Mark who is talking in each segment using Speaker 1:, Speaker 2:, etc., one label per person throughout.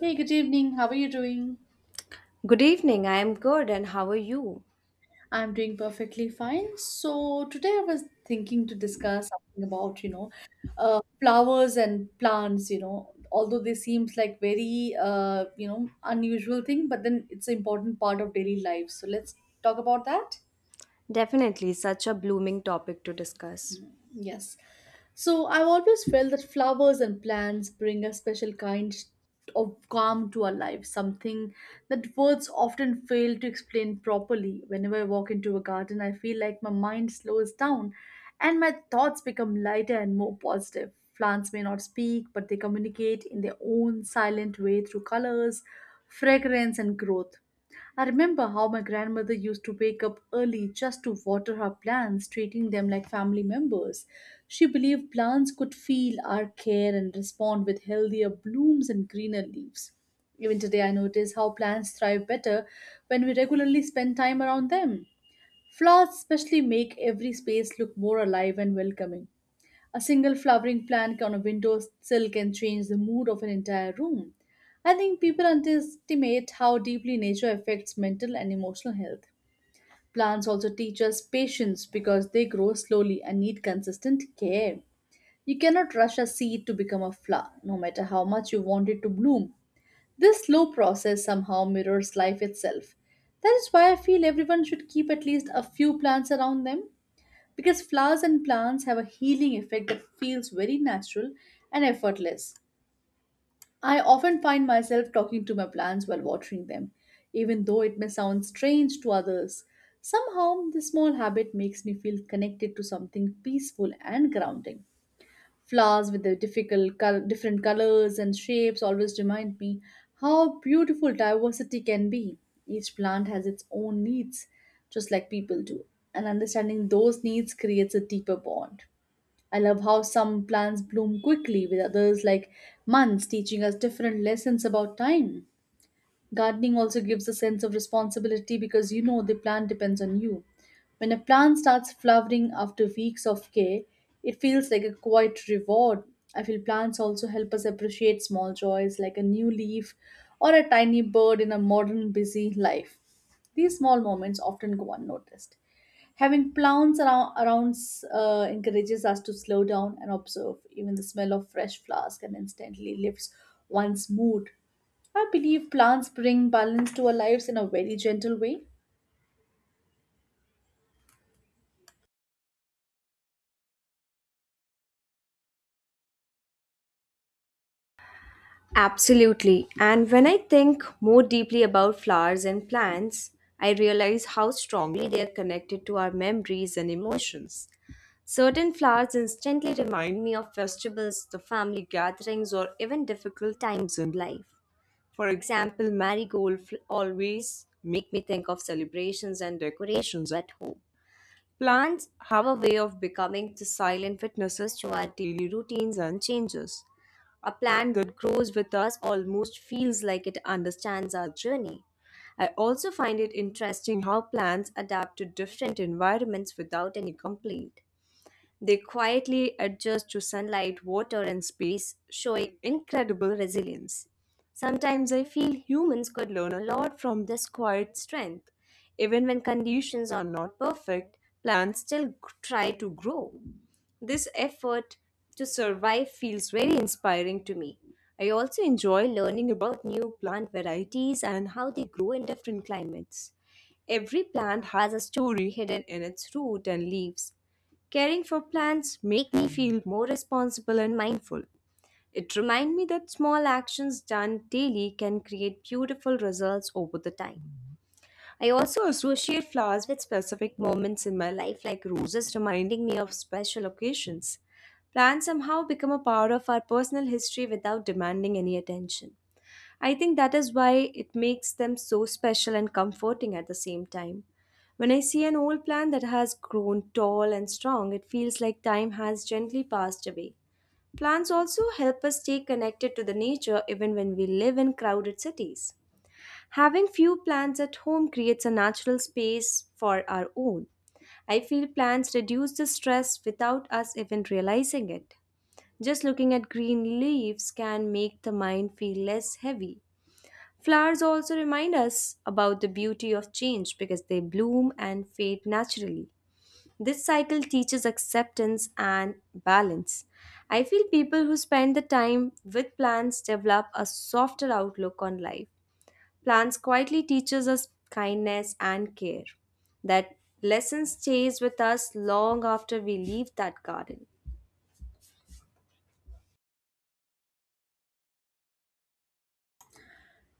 Speaker 1: Hey, good evening. How are you doing?
Speaker 2: Good evening, I am good, and how are you?
Speaker 1: I'm doing perfectly fine. So today I was thinking to discuss something about flowers and plants, although they seems like very unusual thing, but then it's an important part of daily life. So let's talk about that.
Speaker 2: Definitely such a blooming topic to discuss.
Speaker 1: Yes. So I've always felt that flowers and plants bring a special kind of calm to our lives, something that words often fail to explain properly. Whenever I walk into a garden, I feel like my mind slows down and my thoughts become lighter and more positive. Plants may not speak, but they communicate in their own silent way through colors, fragrance, and growth. I remember how my grandmother used to wake up early just to water her plants, treating them like family members. She believed plants could feel our care and respond with healthier blooms and greener leaves. Even today, I notice how plants thrive better when we regularly spend time around them. Flowers, especially, make every space look more alive and welcoming. A single flowering plant on a window sill can change the mood of an entire room. I think people underestimate how deeply nature affects mental and emotional health. Plants also teach us patience because they grow slowly and need consistent care. You cannot rush a seed to become a flower, no matter how much you want it to bloom. This slow process somehow mirrors life itself. That is why I feel everyone should keep at least a few plants around them. Because flowers and plants have a healing effect that feels very natural and effortless. I often find myself talking to my plants while watering them, even though it may sound strange to others. Somehow, this small habit makes me feel connected to something peaceful and grounding. Flowers with the different colors and shapes always remind me how beautiful diversity can be. Each plant has its own needs, just like people do, and understanding those needs creates a deeper bond. I love how some plants bloom quickly, with others like months, teaching us different lessons about time. Gardening also gives a sense of responsibility because you know the plant depends on you. When a plant starts flowering after weeks of care, it feels like a quiet reward. I feel plants also help us appreciate small joys like a new leaf or a tiny bird in a modern busy life. These small moments often go unnoticed. Having plants around encourages us to slow down and observe. Even the smell of fresh flowers can instantly lift one's mood. I believe plants bring balance to our lives in a very gentle way.
Speaker 2: Absolutely, and when I think more deeply about flowers and plants, I realize how strongly they are connected to our memories and emotions. Certain flowers instantly remind me of festivals, the family gatherings, or even difficult times in life. For example, always make me think of celebrations and decorations at home. Plants have a way of becoming the silent witnesses to our daily routines and changes. A plant that grows with us almost feels like it understands our journey. I also find it interesting how plants adapt to different environments without any complaint. They quietly adjust to sunlight, water, and space, showing incredible resilience. Sometimes I feel humans could learn a lot from this quiet strength. Even when conditions are not perfect, plants still try to grow. This effort to survive feels very inspiring to me. I also enjoy learning about new plant varieties and how they grow in different climates. Every plant has a story hidden in its root and leaves. Caring for plants make me feel more responsible and mindful. It reminds me that small actions done daily can create beautiful results over the time. I also associate flowers with specific moments in my life, like roses reminding me of special occasions. Plants somehow become a part of our personal history without demanding any attention. I think that is why it makes them so special and comforting at the same time. When I see an old plant that has grown tall and strong, it feels like time has gently passed away. Plants also help us stay connected to the nature even when we live in crowded cities. Having few plants at home creates a natural space for our own. I feel plants reduce the stress without us even realizing it. Just looking at green leaves can make the mind feel less heavy. Flowers also remind us about the beauty of change because they bloom and fade naturally. This cycle teaches acceptance and balance. I feel people who spend the time with plants develop a softer outlook on life. Plants quietly teaches us kindness and care. That lesson stays with us long after we leave that garden.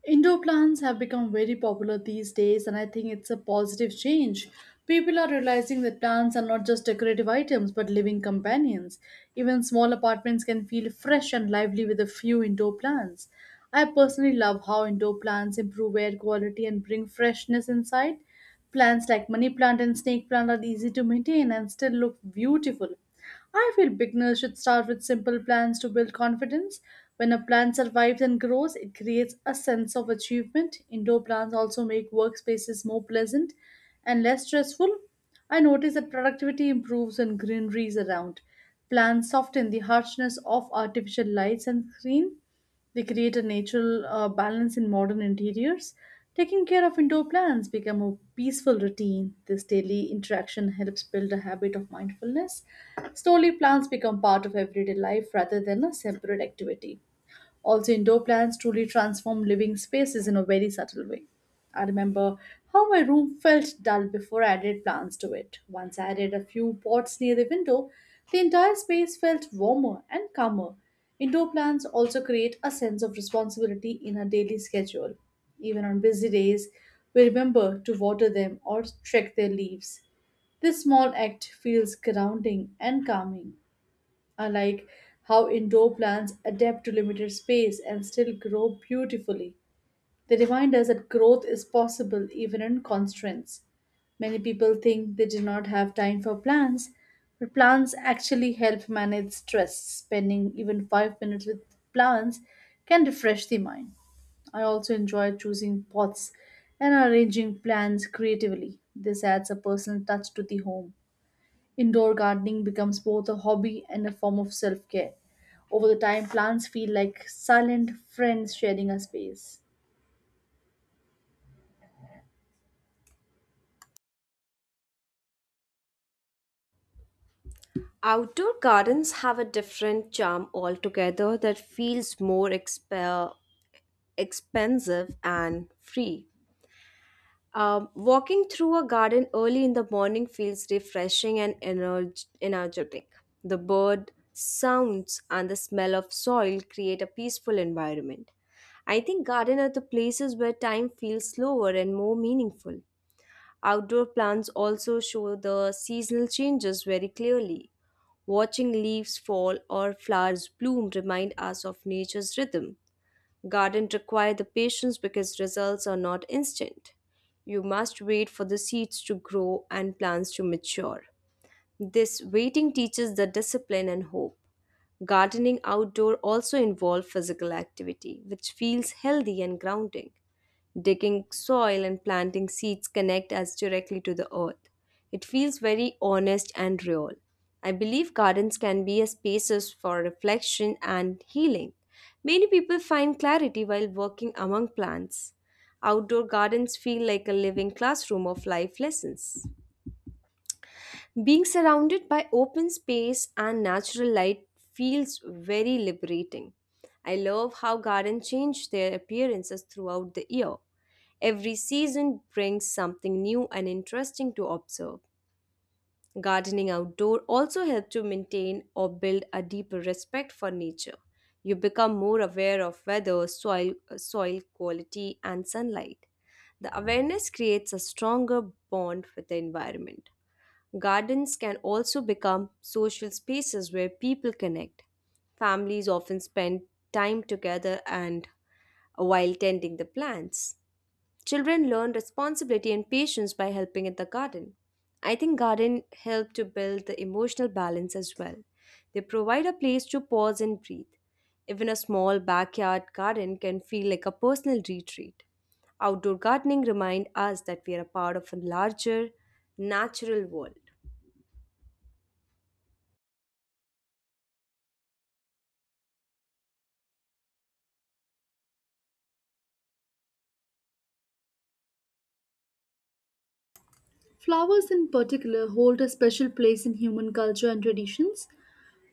Speaker 1: Indoor plants have become very popular these days, and I think it's a positive change. People are realizing that plants are not just decorative items but living companions. Even small apartments can feel fresh and lively with a few indoor plants. I personally love how indoor plants improve air quality and bring freshness inside. Plants like money plant and snake plant are easy to maintain and still look beautiful. I feel beginners should start with simple plans to build confidence. When a plant survives and grows, it creates a sense of achievement. Indoor plants also make workspaces more pleasant and less stressful. I notice that productivity improves when greenery is around. Plants soften the harshness of artificial lights and screen. They create a natural balance in modern interiors. Taking care of indoor plants become a peaceful routine. This daily interaction helps build a habit of mindfulness. Slowly, plants become part of everyday life rather than a separate activity. Also, indoor plants truly transform living spaces in a very subtle way. I remember how my room felt dull before I added plants to it. Once I added a few pots near the window, the entire space felt warmer and calmer. Indoor plants also create a sense of responsibility in our daily schedule. Even on busy days, we remember to water them or check their leaves. This small act feels grounding and calming, like how indoor plants adapt to limited space and still grow beautifully. They remind us that growth is possible even in constraints. Many people think they do not have time for plants, but plants actually help manage stress. Spending even 5 minutes with plants can refresh the mind. I also enjoy choosing pots and arranging plants creatively. This adds a personal touch to the home. Indoor gardening becomes both a hobby and a form of self care. Over the time, plants feel like silent friends sharing a space.
Speaker 2: Outdoor gardens have a different charm altogether that feels more expensive and free. Walking through a garden early in the morning feels refreshing and energetic. The bird sounds and the smell of soil create a peaceful environment. I think garden are the places where time feels slower and more meaningful. Outdoor plants also show the seasonal changes very clearly. Watching leaves fall or flowers bloom remind us of nature's rhythm. Gardens require the patience because results are not instant. You must wait for the seeds to grow and plants to mature. This waiting teaches the discipline and hope. Gardening outdoor also involves physical activity, which feels healthy and grounding. Digging soil and planting seeds connect us directly to the earth. It feels very honest and real. I believe gardens can be a spaces for reflection and healing. Many people find clarity while working among plants. Outdoor gardens feel like a living classroom of life lessons. Being surrounded by open space and natural light feels very liberating. I love how gardens change their appearances throughout the year. Every season brings something new and interesting to observe. Gardening outdoor also helps to maintain or build a deeper respect for nature. You become more aware of weather, soil, soil quality, and sunlight. The awareness creates a stronger bond with the environment. Gardens can also become social spaces where people connect. Families often spend time together and while tending the plants. Children learn responsibility and patience by helping in the garden. I think garden help to build the emotional balance as well. They provide a place to pause and breathe. Even a small backyard garden can feel like a personal retreat. Outdoor gardening remind us that we are a part of a larger natural world.
Speaker 1: Flowers, in particular, hold a special place in human culture and traditions.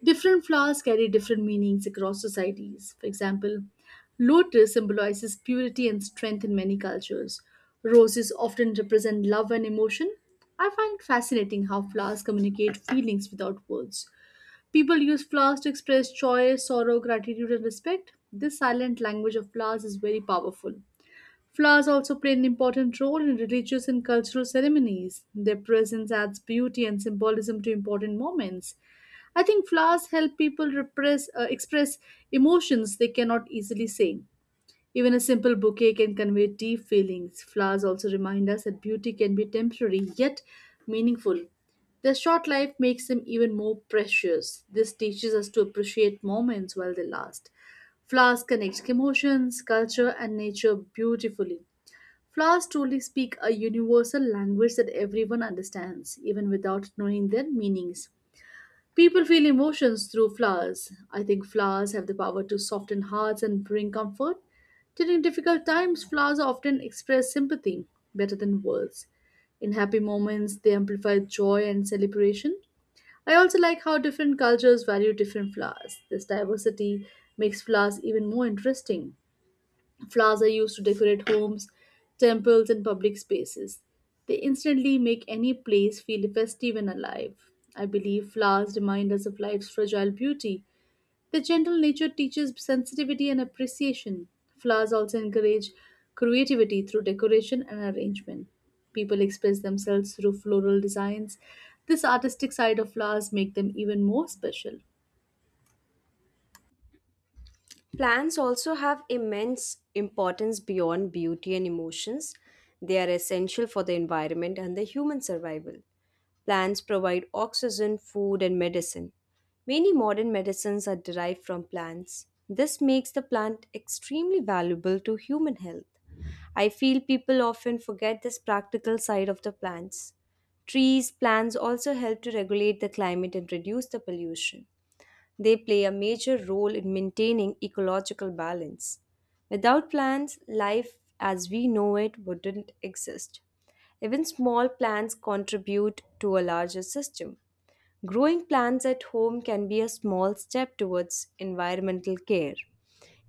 Speaker 1: Different flowers carry different meanings across societies. For example, lotus symbolizes purity and strength in many cultures. Roses often represent love and emotion. I find it fascinating how flowers communicate feelings without words. People use flowers to express joy, sorrow, gratitude, and respect. This silent language of flowers is very powerful. Flowers also play an important role in religious and cultural ceremonies. Their presence adds beauty and symbolism to important moments. I think flowers help people express emotions they cannot easily say. Even a simple bouquet can convey deep feelings. Flowers also remind us that beauty can be temporary yet meaningful. Their short life makes them even more precious. This teaches us to appreciate moments while they last. Flowers connect emotions, culture, and nature beautifully. Flowers truly speak a universal language that everyone understands, even without knowing their meanings. People feel emotions through flowers. I think flowers have the power to soften hearts and bring comfort. During difficult times, flowers often express sympathy better than words. In happy moments, they amplify joy and celebration. I also like how different cultures value different flowers. This diversity makes flowers even more interesting. Flowers are used to decorate homes, temples, and public spaces. They instantly make any place feel festive and alive. I believe flowers remind us of life's fragile beauty. Their gentle nature teaches sensitivity and appreciation. Flowers also encourage creativity through decoration and arrangement. People express themselves through floral designs. This artistic side of flowers make them even more special.
Speaker 2: Plants also have immense importance beyond beauty and emotions. They are essential for the environment and the human survival. Plants provide oxygen, food, and medicine. Many modern medicines are derived from plants. This makes the plant extremely valuable to human health. I feel people often forget this practical side of the plants. Trees, plants also help to regulate the climate and reduce the pollution. They play a major role in maintaining ecological balance. Without plants, life as we know it wouldn't exist. Even small plants contribute to a larger system. Growing plants at home can be a small step towards environmental care.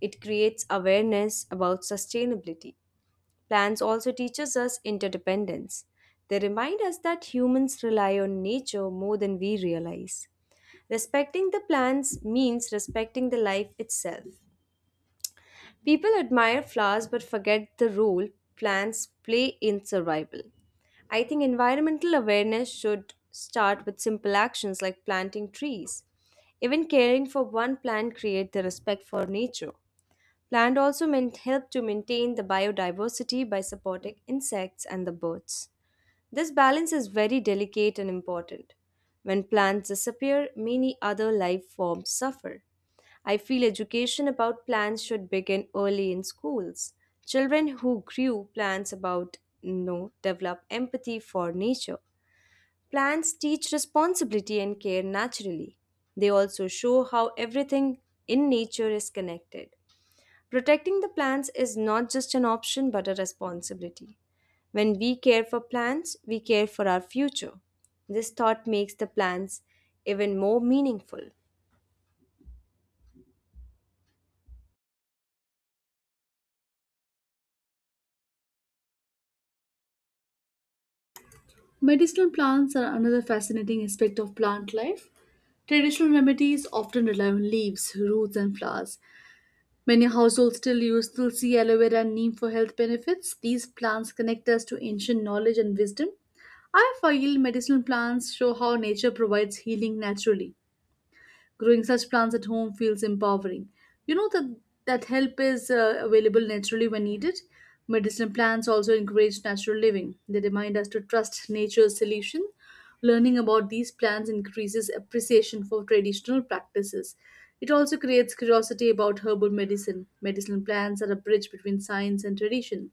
Speaker 2: It creates awareness about sustainability. Plants also teaches us interdependence. They remind us that humans rely on nature more than we realize. Respecting the plants means respecting the life itself. People admire flowers but forget the role plants play in survival. I think environmental awareness should start with simple actions like planting trees. Even caring for one plant creates the respect for nature. Plant also meant help to maintain the biodiversity by supporting insects and the birds. This balance is very delicate and important. When plants disappear, many other life forms suffer. I feel education about plants should begin early in schools. Children who grew plants about know develop empathy for nature. Plants teach responsibility and care naturally. They also show how everything in nature is connected. Protecting the plants is not just an option but a responsibility. When we care for plants, we care for our future. This thought makes the plants even more meaningful.
Speaker 1: Medicinal plants are another fascinating aspect of plant life. Traditional remedies often rely on leaves, roots, and flowers. Many households still use tulsi, aloe vera, and neem for health benefits. These plants connect us to ancient knowledge and wisdom. I feel medicinal plants show how nature provides healing naturally. Growing such plants at home feels empowering. You know that help is available naturally when needed. Medicinal plants also encourage natural living. They remind us to trust nature's solution. Learning about these plants increases appreciation for traditional practices. It also creates curiosity about herbal medicine. Medicinal plants are a bridge between science and tradition.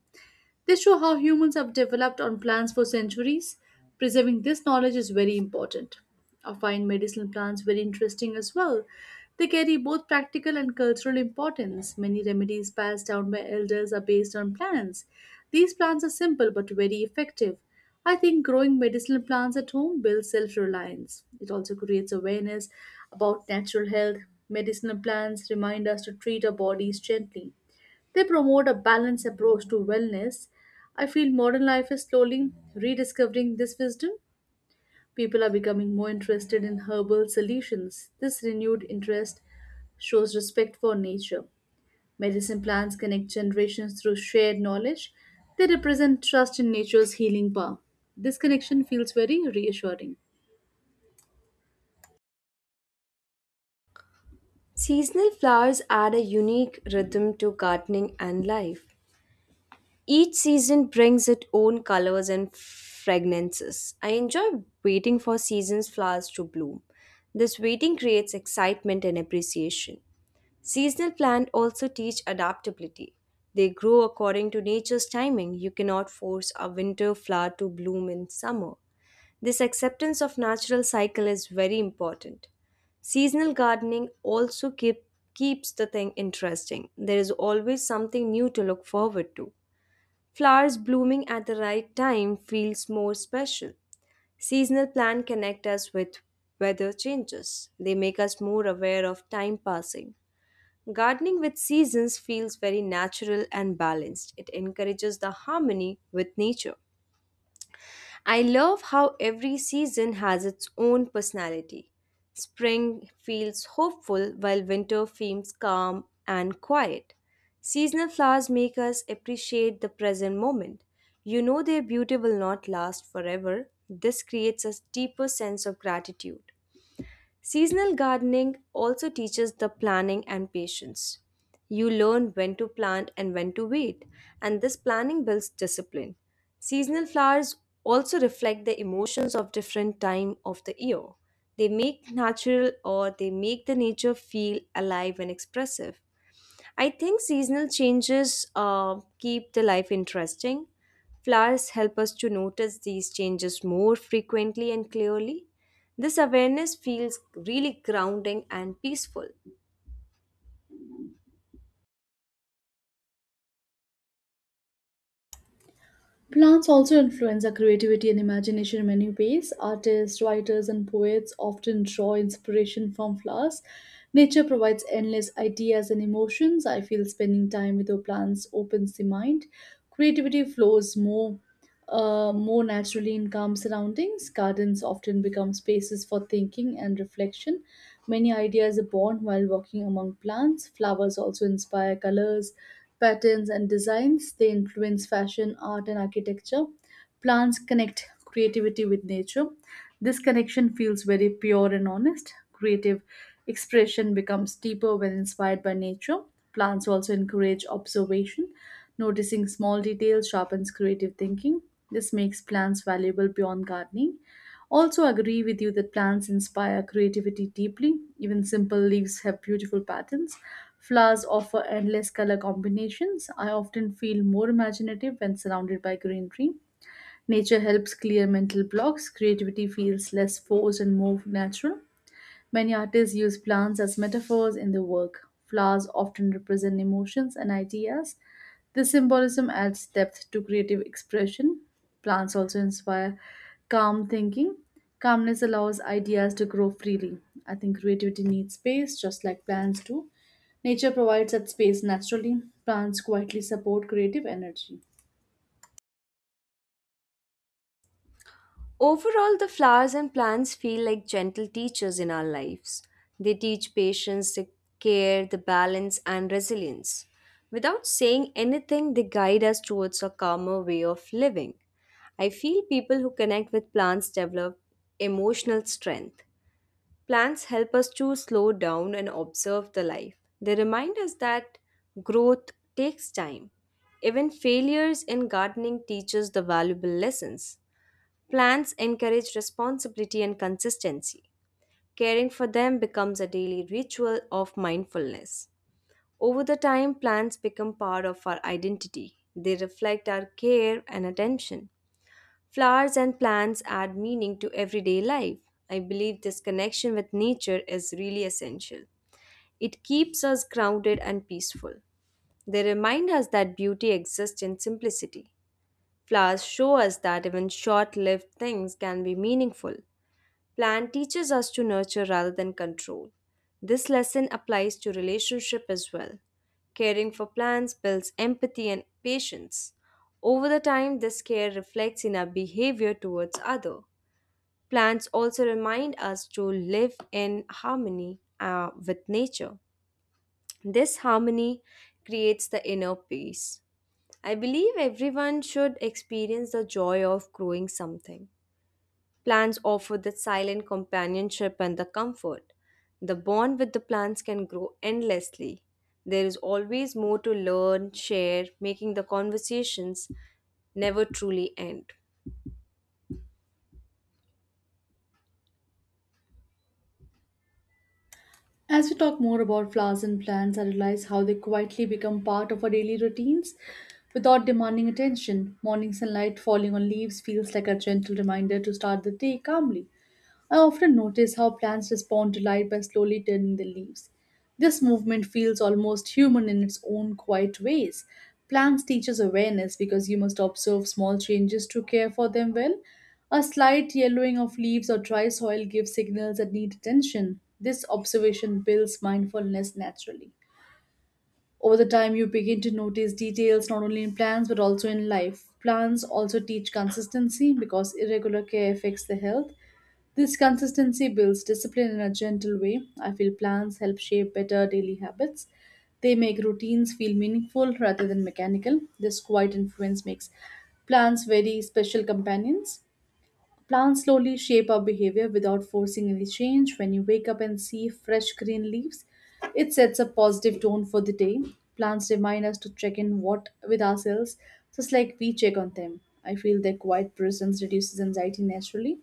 Speaker 1: They show how humans have developed on plants for centuries. Preserving this knowledge is very important. I find medicinal plants very interesting as well. They carry both practical and cultural importance. Many remedies passed down by elders are based on plants. These plants are simple but very effective. I think growing medicinal plants at home builds self reliance. It also creates awareness about natural health. Medicinal plants remind us to treat our bodies gently. They promote a balanced approach to wellness. I feel modern life is slowly rediscovering this wisdom. People are becoming more interested in herbal solutions. This renewed interest shows respect for nature. Medicine plants connect generations through shared knowledge. They represent trust in nature's healing power. This connection feels very reassuring.
Speaker 2: Seasonal flowers add a unique rhythm to gardening and life. Each season brings its own colors and fragrances. I enjoy waiting for season's flowers to bloom. This waiting creates excitement and appreciation. Seasonal plants also teach adaptability. They grow according to nature's timing. You cannot force a winter flower to bloom in summer. This acceptance of natural cycle is very important. Seasonal gardening also keep, keeps the thing interesting. There is always something new to look forward to. Flowers blooming at the right time feels more special. Seasonal plants connect us with weather changes. They make us more aware of time passing. Gardening with seasons feels very natural and balanced. It encourages the harmony with nature. I love how every season has its own personality. Spring feels hopeful while winter feels calm and quiet. Seasonal flowers make us appreciate the present moment. You know their beauty will not last forever. This creates a deeper sense of gratitude. Seasonal gardening also teaches the planning and patience. You learn when to plant and when to wait, and this planning builds discipline. Seasonal flowers also reflect the emotions of different time of the year. They make natural or they make the nature feel alive and expressive. I think seasonal changes keep the life interesting. Flowers help us to notice these changes more frequently and clearly. This awareness feels really grounding and peaceful.
Speaker 1: Plants also influence our creativity and imagination in many ways. Artists, writers, and poets often draw inspiration from flowers. Nature provides endless ideas and emotions. I feel spending time with our plants opens the mind. Creativity flows more naturally in calm surroundings, gardens often become spaces for thinking and reflection. Many ideas are born while walking among plants. Flowers also inspire colors, patterns, and designs. They influence fashion, art, and architecture. Plants connect creativity with nature. This connection feels very pure and honest. Creative expression becomes deeper when inspired by nature. Plants also encourage observation. Noticing small details sharpens creative thinking. This makes plants valuable beyond gardening. Also, agree with you that plants inspire creativity deeply. Even simple leaves have beautiful patterns. Flowers offer endless color combinations. I often feel more imaginative when surrounded by greenery. Nature helps clear mental blocks, creativity feels less forced and more natural. Many artists use plants as metaphors in their work. Flowers often represent emotions and ideas. This symbolism adds depth to creative expression. Plants also inspire calm thinking. Calmness allows ideas to grow freely. I think creativity needs space, just like plants do. Nature provides that space naturally. Plants quietly support creative energy.
Speaker 2: Overall, the flowers and plants feel like gentle teachers in our lives. They teach patience, the care, the balance, and resilience. Without saying anything, they guide us towards a calmer way of living. I feel people who connect with plants develop emotional strength. Plants help us to slow down and observe the life. They remind us that growth takes time. Even failures in gardening teach us the valuable lessons. Plants encourage responsibility and consistency. Caring for them becomes a daily ritual of mindfulness. Over the time, plants become part of our identity. They reflect our care and attention. Flowers and plants add meaning to everyday life. I believe this connection with nature is really essential. It keeps us grounded and peaceful. They remind us that beauty exists in simplicity. Flowers show us that even short lived things can be meaningful. Plan teaches us to nurture rather than control. This lesson applies to relationship as well. Caring for plants builds empathy and patience. Over the time, this care reflects in our behavior towards other. Plants also remind us to live in harmony with nature. This harmony creates the inner peace. I believe everyone should experience the joy of growing something. Plants offer the silent companionship and the comfort. The bond with the plants can grow endlessly. There is always more to learn, share, making the conversations never truly end.
Speaker 1: As we talk more about flowers and plants, I realize how they quietly become part of our daily routines without demanding attention. Morning sunlight falling on leaves feels like a gentle reminder to start the day calmly. I often notice how plants respond to light by slowly turning their leaves. This movement feels almost human in its own quiet ways. Plants teach us awareness because you must observe small changes to care for them well. A slight yellowing of leaves or dry soil gives signals that need attention. This observation builds mindfulness naturally. Over the time, you begin to notice details not only in plants but also in life. Plants also teach consistency because irregular care affects the health. This consistency builds discipline in a gentle way. I feel plans help shape better daily habits. They make routines feel meaningful rather than mechanical. This quiet influence makes plants very special companions. Plants slowly shape our behavior without forcing any change. When you wake up and see fresh green leaves, it sets a positive tone for the day. Plants remind us to check in what with ourselves, just like we check on them. I feel their quiet presence reduces anxiety naturally.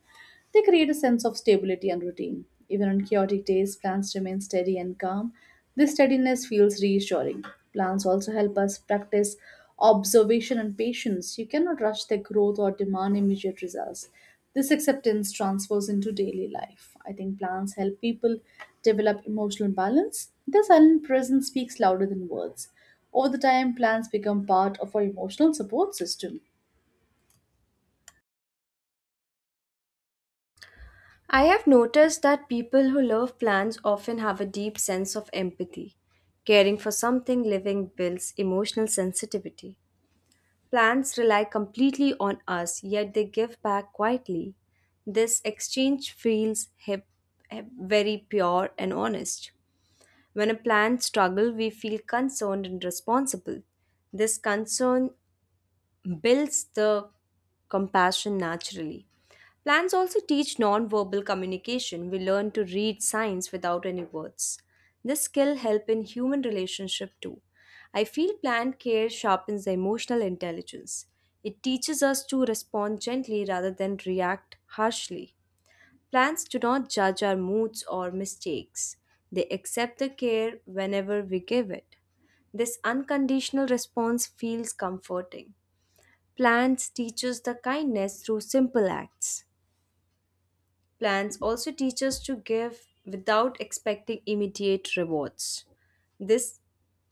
Speaker 1: They create a sense of stability and routine. Even on chaotic days, plants remain steady and calm. This steadiness feels reassuring. Plants also help us practice observation and patience. You cannot rush their growth or demand immediate results. This acceptance transfers into daily life. I think plants help people develop emotional balance. Their silent presence speaks louder than words. Over the time, plants become part of our emotional support system.
Speaker 2: I have noticed that people who love plants often have a deep sense of empathy. Caring for something living builds emotional sensitivity. Plants rely completely on us, yet they give back quietly. This exchange feels very pure and honest. When a plant struggles, we feel concerned and responsible. This concern builds the compassion naturally. Plants also teach nonverbal communication. We learn to read signs without any words. This skill help in human relationship too. I feel plant care sharpens the emotional intelligence. It teaches us to respond gently rather than react harshly. Plants do not judge our moods or mistakes. They accept the care whenever we give it. This unconditional response feels comforting. Plants teaches the kindness through simple acts. Plans also teach us to give without expecting immediate rewards. This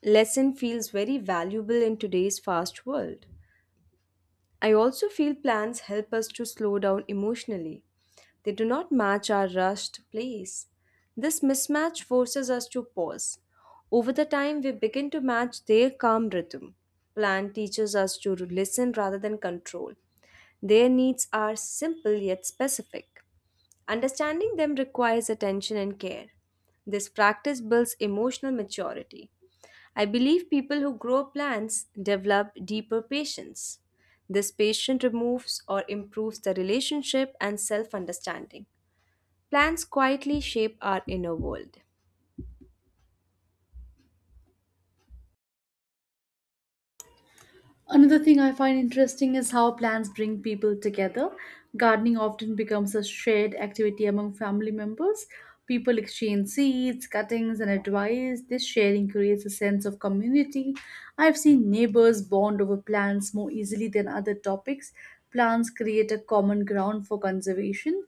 Speaker 2: lesson feels very valuable in today's fast world. I also feel plans help us to slow down emotionally. They do not match our rushed pace. This mismatch forces us to pause. Over the time, we begin to match their calm rhythm. Plan teaches us to listen rather than control. Their needs are simple yet specific. Understanding them requires attention and care. This practice builds emotional maturity. I believe people who grow plants develop deeper patience. This patience removes or improves the relationship and self understanding. Plants quietly shape our inner world.
Speaker 1: Another thing I find interesting is how plants bring people together. Gardening often becomes a shared activity among family members. People exchange seeds, cuttings, and advice. This sharing creates a sense of community. I've seen neighbors bond over plants more easily than other topics. Plants create a common ground for conservation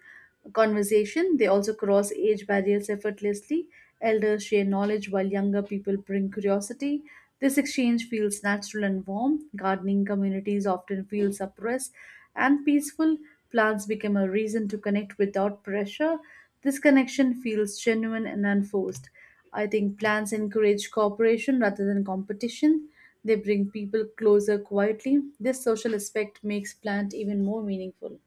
Speaker 1: conversation. They also cross age barriers effortlessly. Elders share knowledge while younger people bring curiosity. This exchange feels natural and warm. Gardening communities often feel suppressed and peaceful. Plants become a reason to connect without pressure. This connection feels genuine and unforced. I think plants encourage cooperation rather than competition. They bring people closer quietly. This social aspect makes plant even more meaningful.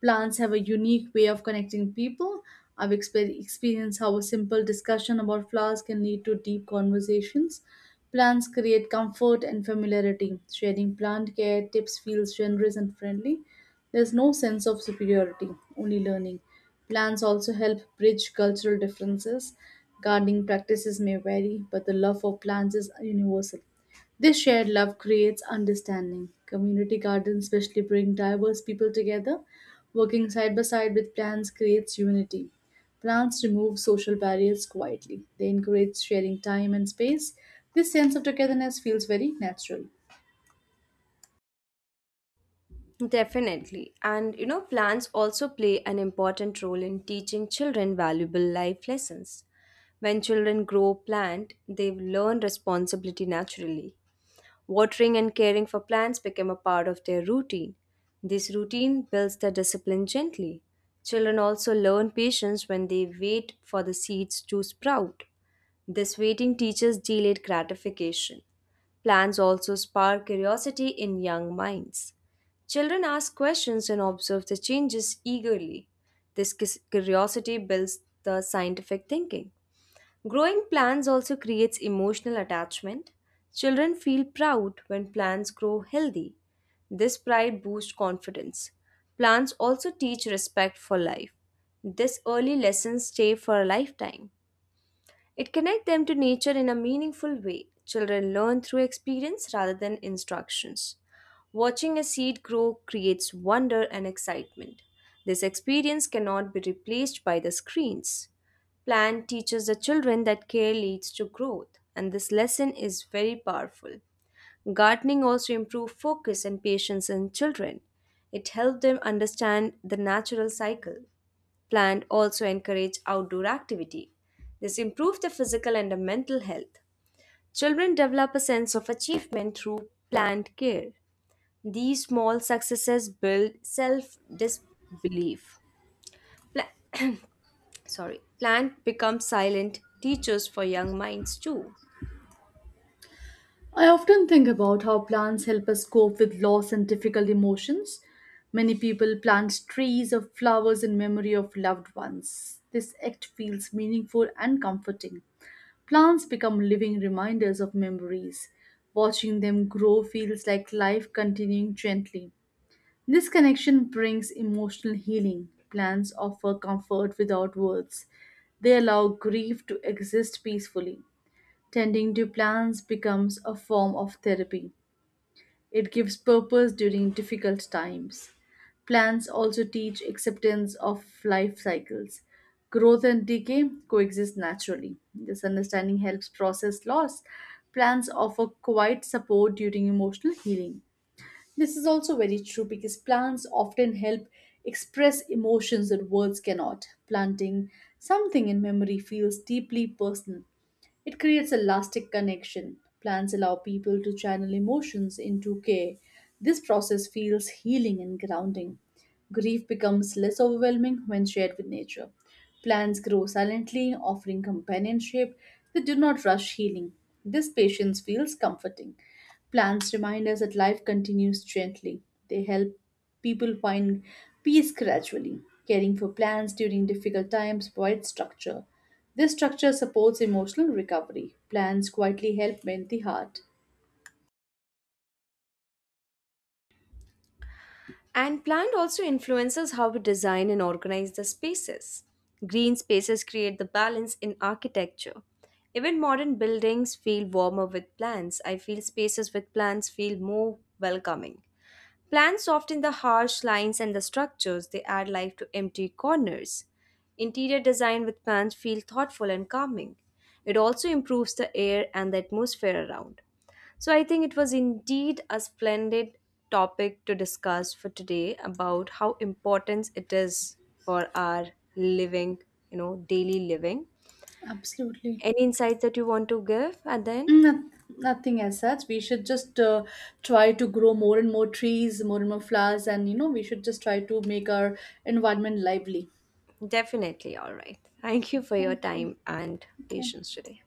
Speaker 1: Plants have a unique way of connecting people. Experienced how a simple discussion about flowers can lead to deep conversations. Plants create comfort and familiarity. Sharing plant care tips feels generous and friendly. There's no sense of superiority, only learning. Plants also help bridge cultural differences. Gardening practices may vary, but the love for plants is universal. This shared love creates understanding. Community gardens especially bring diverse people together. Working side by side with plants creates unity. Plants remove social barriers quietly. They encourage sharing time and space. This sense of togetherness feels very natural.
Speaker 2: Definitely. And you know, plants also play an important role in teaching children valuable life lessons. When children grow plant, they learn responsibility naturally. Watering and caring for plants became a part of their routine. This routine builds the discipline gently. Children also learn patience when they wait for the seeds to sprout. This waiting teaches delayed gratification. Plants also spark curiosity in young minds. Children ask questions and observe the changes eagerly. This curiosity builds the scientific thinking. Growing plants also creates emotional attachment. Children feel proud when plants grow healthy. This pride boosts confidence. Plants also teach respect for life. This early lessons stay for a lifetime. It connects them to nature in a meaningful way. Children learn through experience rather than instructions. Watching a seed grow creates wonder and excitement. This experience cannot be replaced by the screens. Plant teaches the children that care leads to growth, and this lesson is very powerful. Gardening also improves focus and patience in children. It helps them understand the natural cycle. Plants also encourage outdoor activity. This improves the physical and the mental health. Children develop a sense of achievement through plant care. These small successes build self-disbelief. Pla- Plant becomes silent teachers for young minds too.
Speaker 1: I often think about how plants help us cope with loss and difficult emotions. Many people plant trees or flowers in memory of loved ones. This act feels meaningful and comforting. Plants become living reminders of memories. Watching them grow feels like life continuing gently. This connection brings emotional healing. Plants offer comfort without words. They allow grief to exist peacefully. Tending to plants becomes a form of therapy. It gives purpose during difficult times. Plants also teach acceptance of life cycles. Growth and decay coexist naturally. This understanding helps process loss. Plants offer quiet support during emotional healing. This is also very true because plants often help express emotions that words cannot. Planting something in memory feels deeply personal. It creates a lasting connection. Plants allow people to channel emotions into care. This process feels healing and grounding. Grief becomes less overwhelming when shared with nature. Plants grow silently, offering companionship. They do not rush healing. This patience feels comforting. Plants remind us that life continues gently. They help people find peace gradually. Caring for plants during difficult times provides structure. This structure supports emotional recovery. Plans quietly help mend the heart.
Speaker 2: And plant also influences how we design and organize the spaces. Green spaces create the balance in architecture. Even modern buildings feel warmer with plants. I feel spaces with plants feel more welcoming. Plants soften the harsh lines and the structures, they add life to empty corners. Interior design with plants feel thoughtful and calming. It also improves the air and the atmosphere around. So I think it was indeed a splendid topic to discuss for today about how important it is for our living, you know, daily living.
Speaker 1: Absolutely.
Speaker 2: Any insights that you want to give at the end?
Speaker 1: No, nothing as such. We should just try to grow more and more trees, more and more flowers, and you know, we should just try to make our environment lively.
Speaker 2: Definitely. All right. Thank you for your
Speaker 1: Thank you.
Speaker 2: time and
Speaker 1: Okay.
Speaker 2: patience today.